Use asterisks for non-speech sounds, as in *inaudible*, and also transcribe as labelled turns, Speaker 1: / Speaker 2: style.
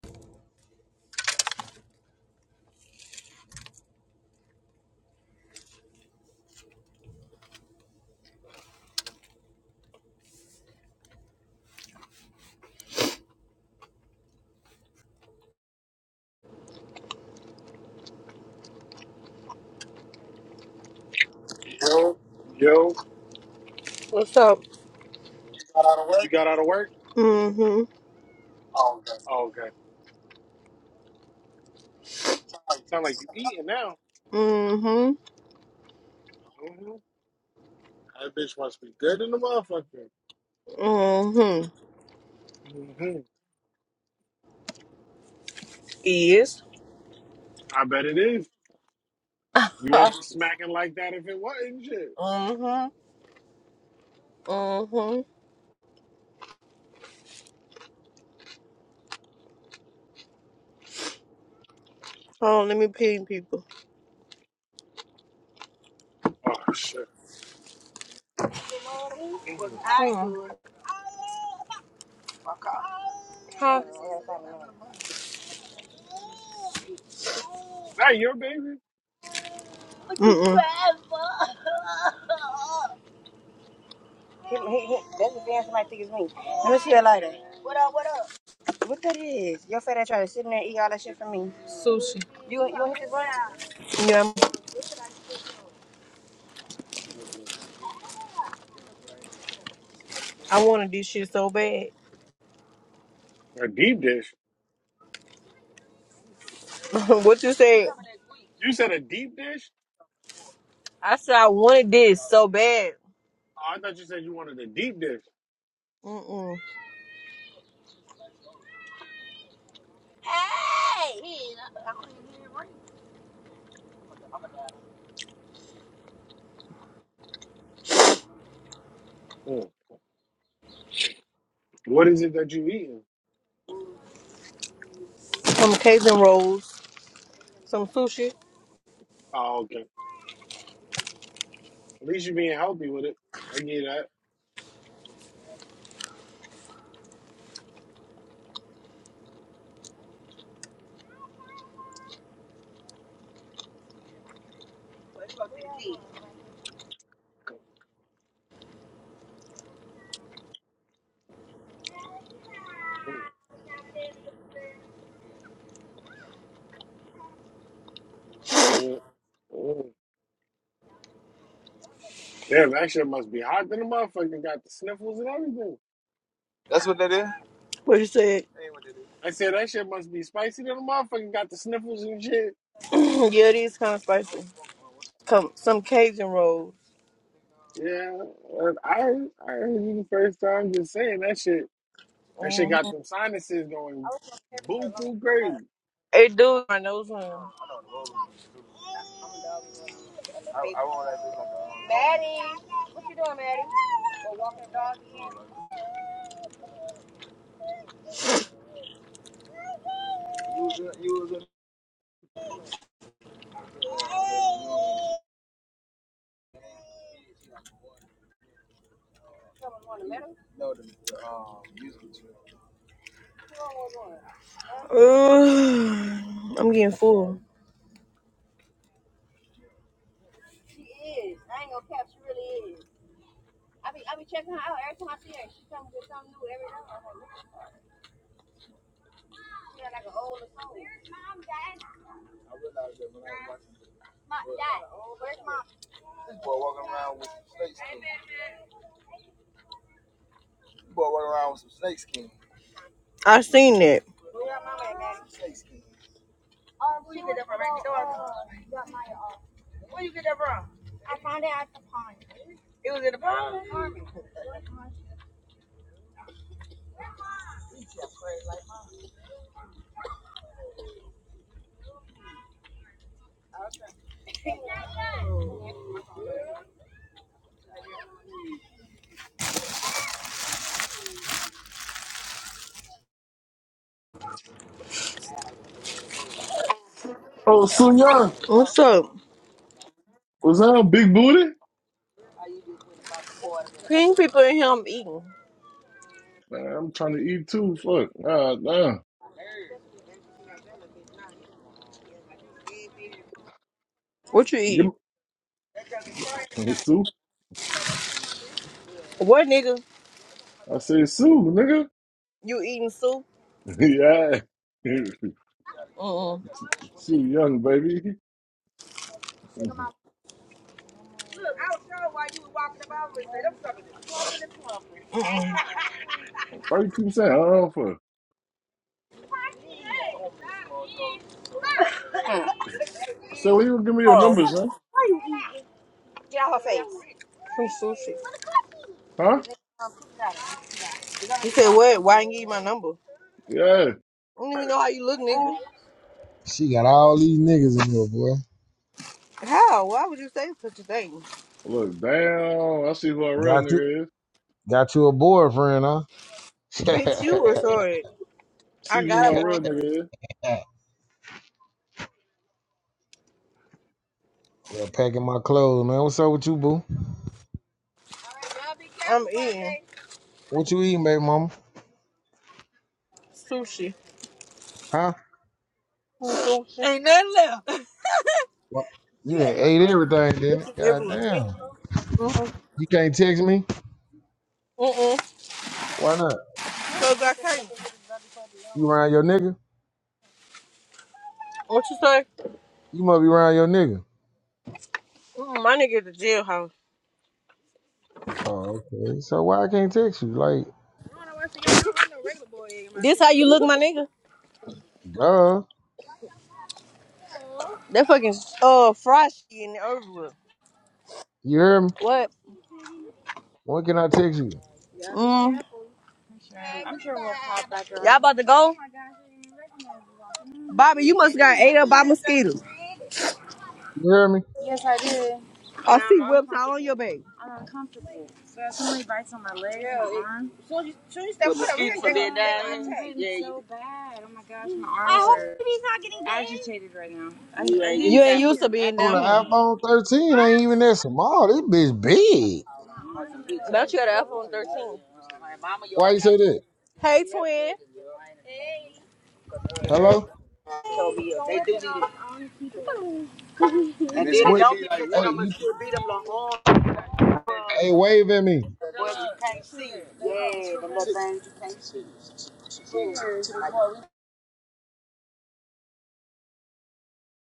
Speaker 1: Yo,
Speaker 2: What's up?
Speaker 1: you got out of work?
Speaker 2: Mm-hmm.
Speaker 1: Oh, okay. Sound like you eating now.
Speaker 2: Mm-hmm.
Speaker 1: hmm That bitch must be good in the motherfucker.
Speaker 2: Mm-hmm.
Speaker 1: hmm
Speaker 2: Is?
Speaker 1: I bet it is.
Speaker 2: *laughs*
Speaker 1: You wouldn't be smacking like that if it wasn't shit.
Speaker 2: mm-hmm. Mm-hmm.
Speaker 1: Shit.
Speaker 2: Oh, let me ping people.
Speaker 1: Oh shit. Mm. Is
Speaker 2: Hmm. Huh?
Speaker 1: that your baby?
Speaker 2: Mm-mm. Sushi. *laughs* Yeah,
Speaker 1: Mm-mm.
Speaker 2: I wanted this shit so bad.
Speaker 1: A deep dish.
Speaker 2: *laughs* what you said?
Speaker 1: You said a deep dish?
Speaker 2: I said I wanted this so bad.
Speaker 1: Oh, I thought you said you wanted a deep dish.
Speaker 2: Mm-mm.
Speaker 1: Mm. What is it that you eating?
Speaker 2: Some Cajun rolls, some sushi.
Speaker 1: Oh, okay. At least you're being healthy with it. I get that. Mm. Mm. Damn, that shit must be hot than a motherfucker. Got the sniffles and everything.
Speaker 2: What you said?
Speaker 1: I said that shit must be spicy than a motherfucker. Got the sniffles and shit.
Speaker 2: *clears throat* yeah, these kind of spicy. Come, some Cajun rolls.
Speaker 1: Yeah, uh, I heard- I heard you the first time just saying that shit. That shit got
Speaker 2: Mm-hmm.
Speaker 1: them sinuses going buku crazy.
Speaker 2: It do. I know some. Ugh, I'm getting full. I seen that. It was in the palm.
Speaker 3: Oh, Sunya,
Speaker 2: What's up?
Speaker 3: was that big booty?
Speaker 2: Pink people in here I'm eating.
Speaker 3: Man, I'm trying to eat too. Fuck. Nah, nah.
Speaker 2: What you
Speaker 3: Give
Speaker 2: eating?
Speaker 3: me *laughs* Sue.
Speaker 2: What nigga?
Speaker 3: I say Sue, nigga.
Speaker 2: You eating soup?
Speaker 3: *laughs* yeah.
Speaker 2: Mm-mm.
Speaker 3: Sue Young, baby. *laughs* Why you keep saying, I don't know for? Say, well, you gonna give me your
Speaker 2: Oh.
Speaker 3: number, son.
Speaker 2: Get out her face. Some sushi.
Speaker 3: Huh?
Speaker 2: You said what? Why didn't you give my number? I
Speaker 3: Yeah.
Speaker 2: don't even know how you look, nigga.
Speaker 4: She got all these niggas in here, boy.
Speaker 2: How? Why would you say such a thing?
Speaker 3: Look, damn. I see who our real
Speaker 4: Got you,
Speaker 3: nigga is.
Speaker 4: got you a boyfriend, huh?
Speaker 2: Bitch,
Speaker 4: *laughs*
Speaker 2: you were sorry.
Speaker 3: See
Speaker 2: I
Speaker 3: who
Speaker 2: got up
Speaker 3: our real
Speaker 2: on her.
Speaker 3: nigga is.
Speaker 4: well, packing my clothes, man. What's up with you, boo?
Speaker 2: I'm eating
Speaker 4: What you eating, baby mama?
Speaker 2: sushi.
Speaker 4: Huh?
Speaker 2: Sushi. Ain't nothing left.
Speaker 4: What? You done
Speaker 2: Yeah.
Speaker 4: ate everything,
Speaker 2: This
Speaker 4: didn't it?
Speaker 2: is
Speaker 4: God
Speaker 2: everywhere.
Speaker 4: damn.
Speaker 2: Mm-hmm.
Speaker 4: You can't text me?
Speaker 2: Mm-mm.
Speaker 4: Why not?
Speaker 2: So I can't.
Speaker 4: You around your nigga?
Speaker 2: What you say?
Speaker 4: You must be around your nigga.
Speaker 2: Mm, my nigga at the jailhouse.
Speaker 4: Oh, okay. So why I can't text you? Like,
Speaker 2: This how you look, my nigga?
Speaker 4: duh.
Speaker 2: That fucking uh fried shit in the over
Speaker 4: You hear me?
Speaker 2: What?
Speaker 4: When can I text you?
Speaker 2: Mm. Y'all about to go? Bobby, you must got ate up by mosquitoes.
Speaker 4: You hear me?
Speaker 2: I see webs all on your back. Soon as soon as you step foot up here, mosquitoes gonna- they down Yeah, You ain't used to being
Speaker 4: Oh, the
Speaker 2: down here.
Speaker 4: iPhone 13 ain't even that small. This bitch big.
Speaker 2: Don't you have an iPhone 13?
Speaker 4: Why you say that?
Speaker 2: Hey, twin.
Speaker 4: Hello? What? Hey, you, hey, wave at me.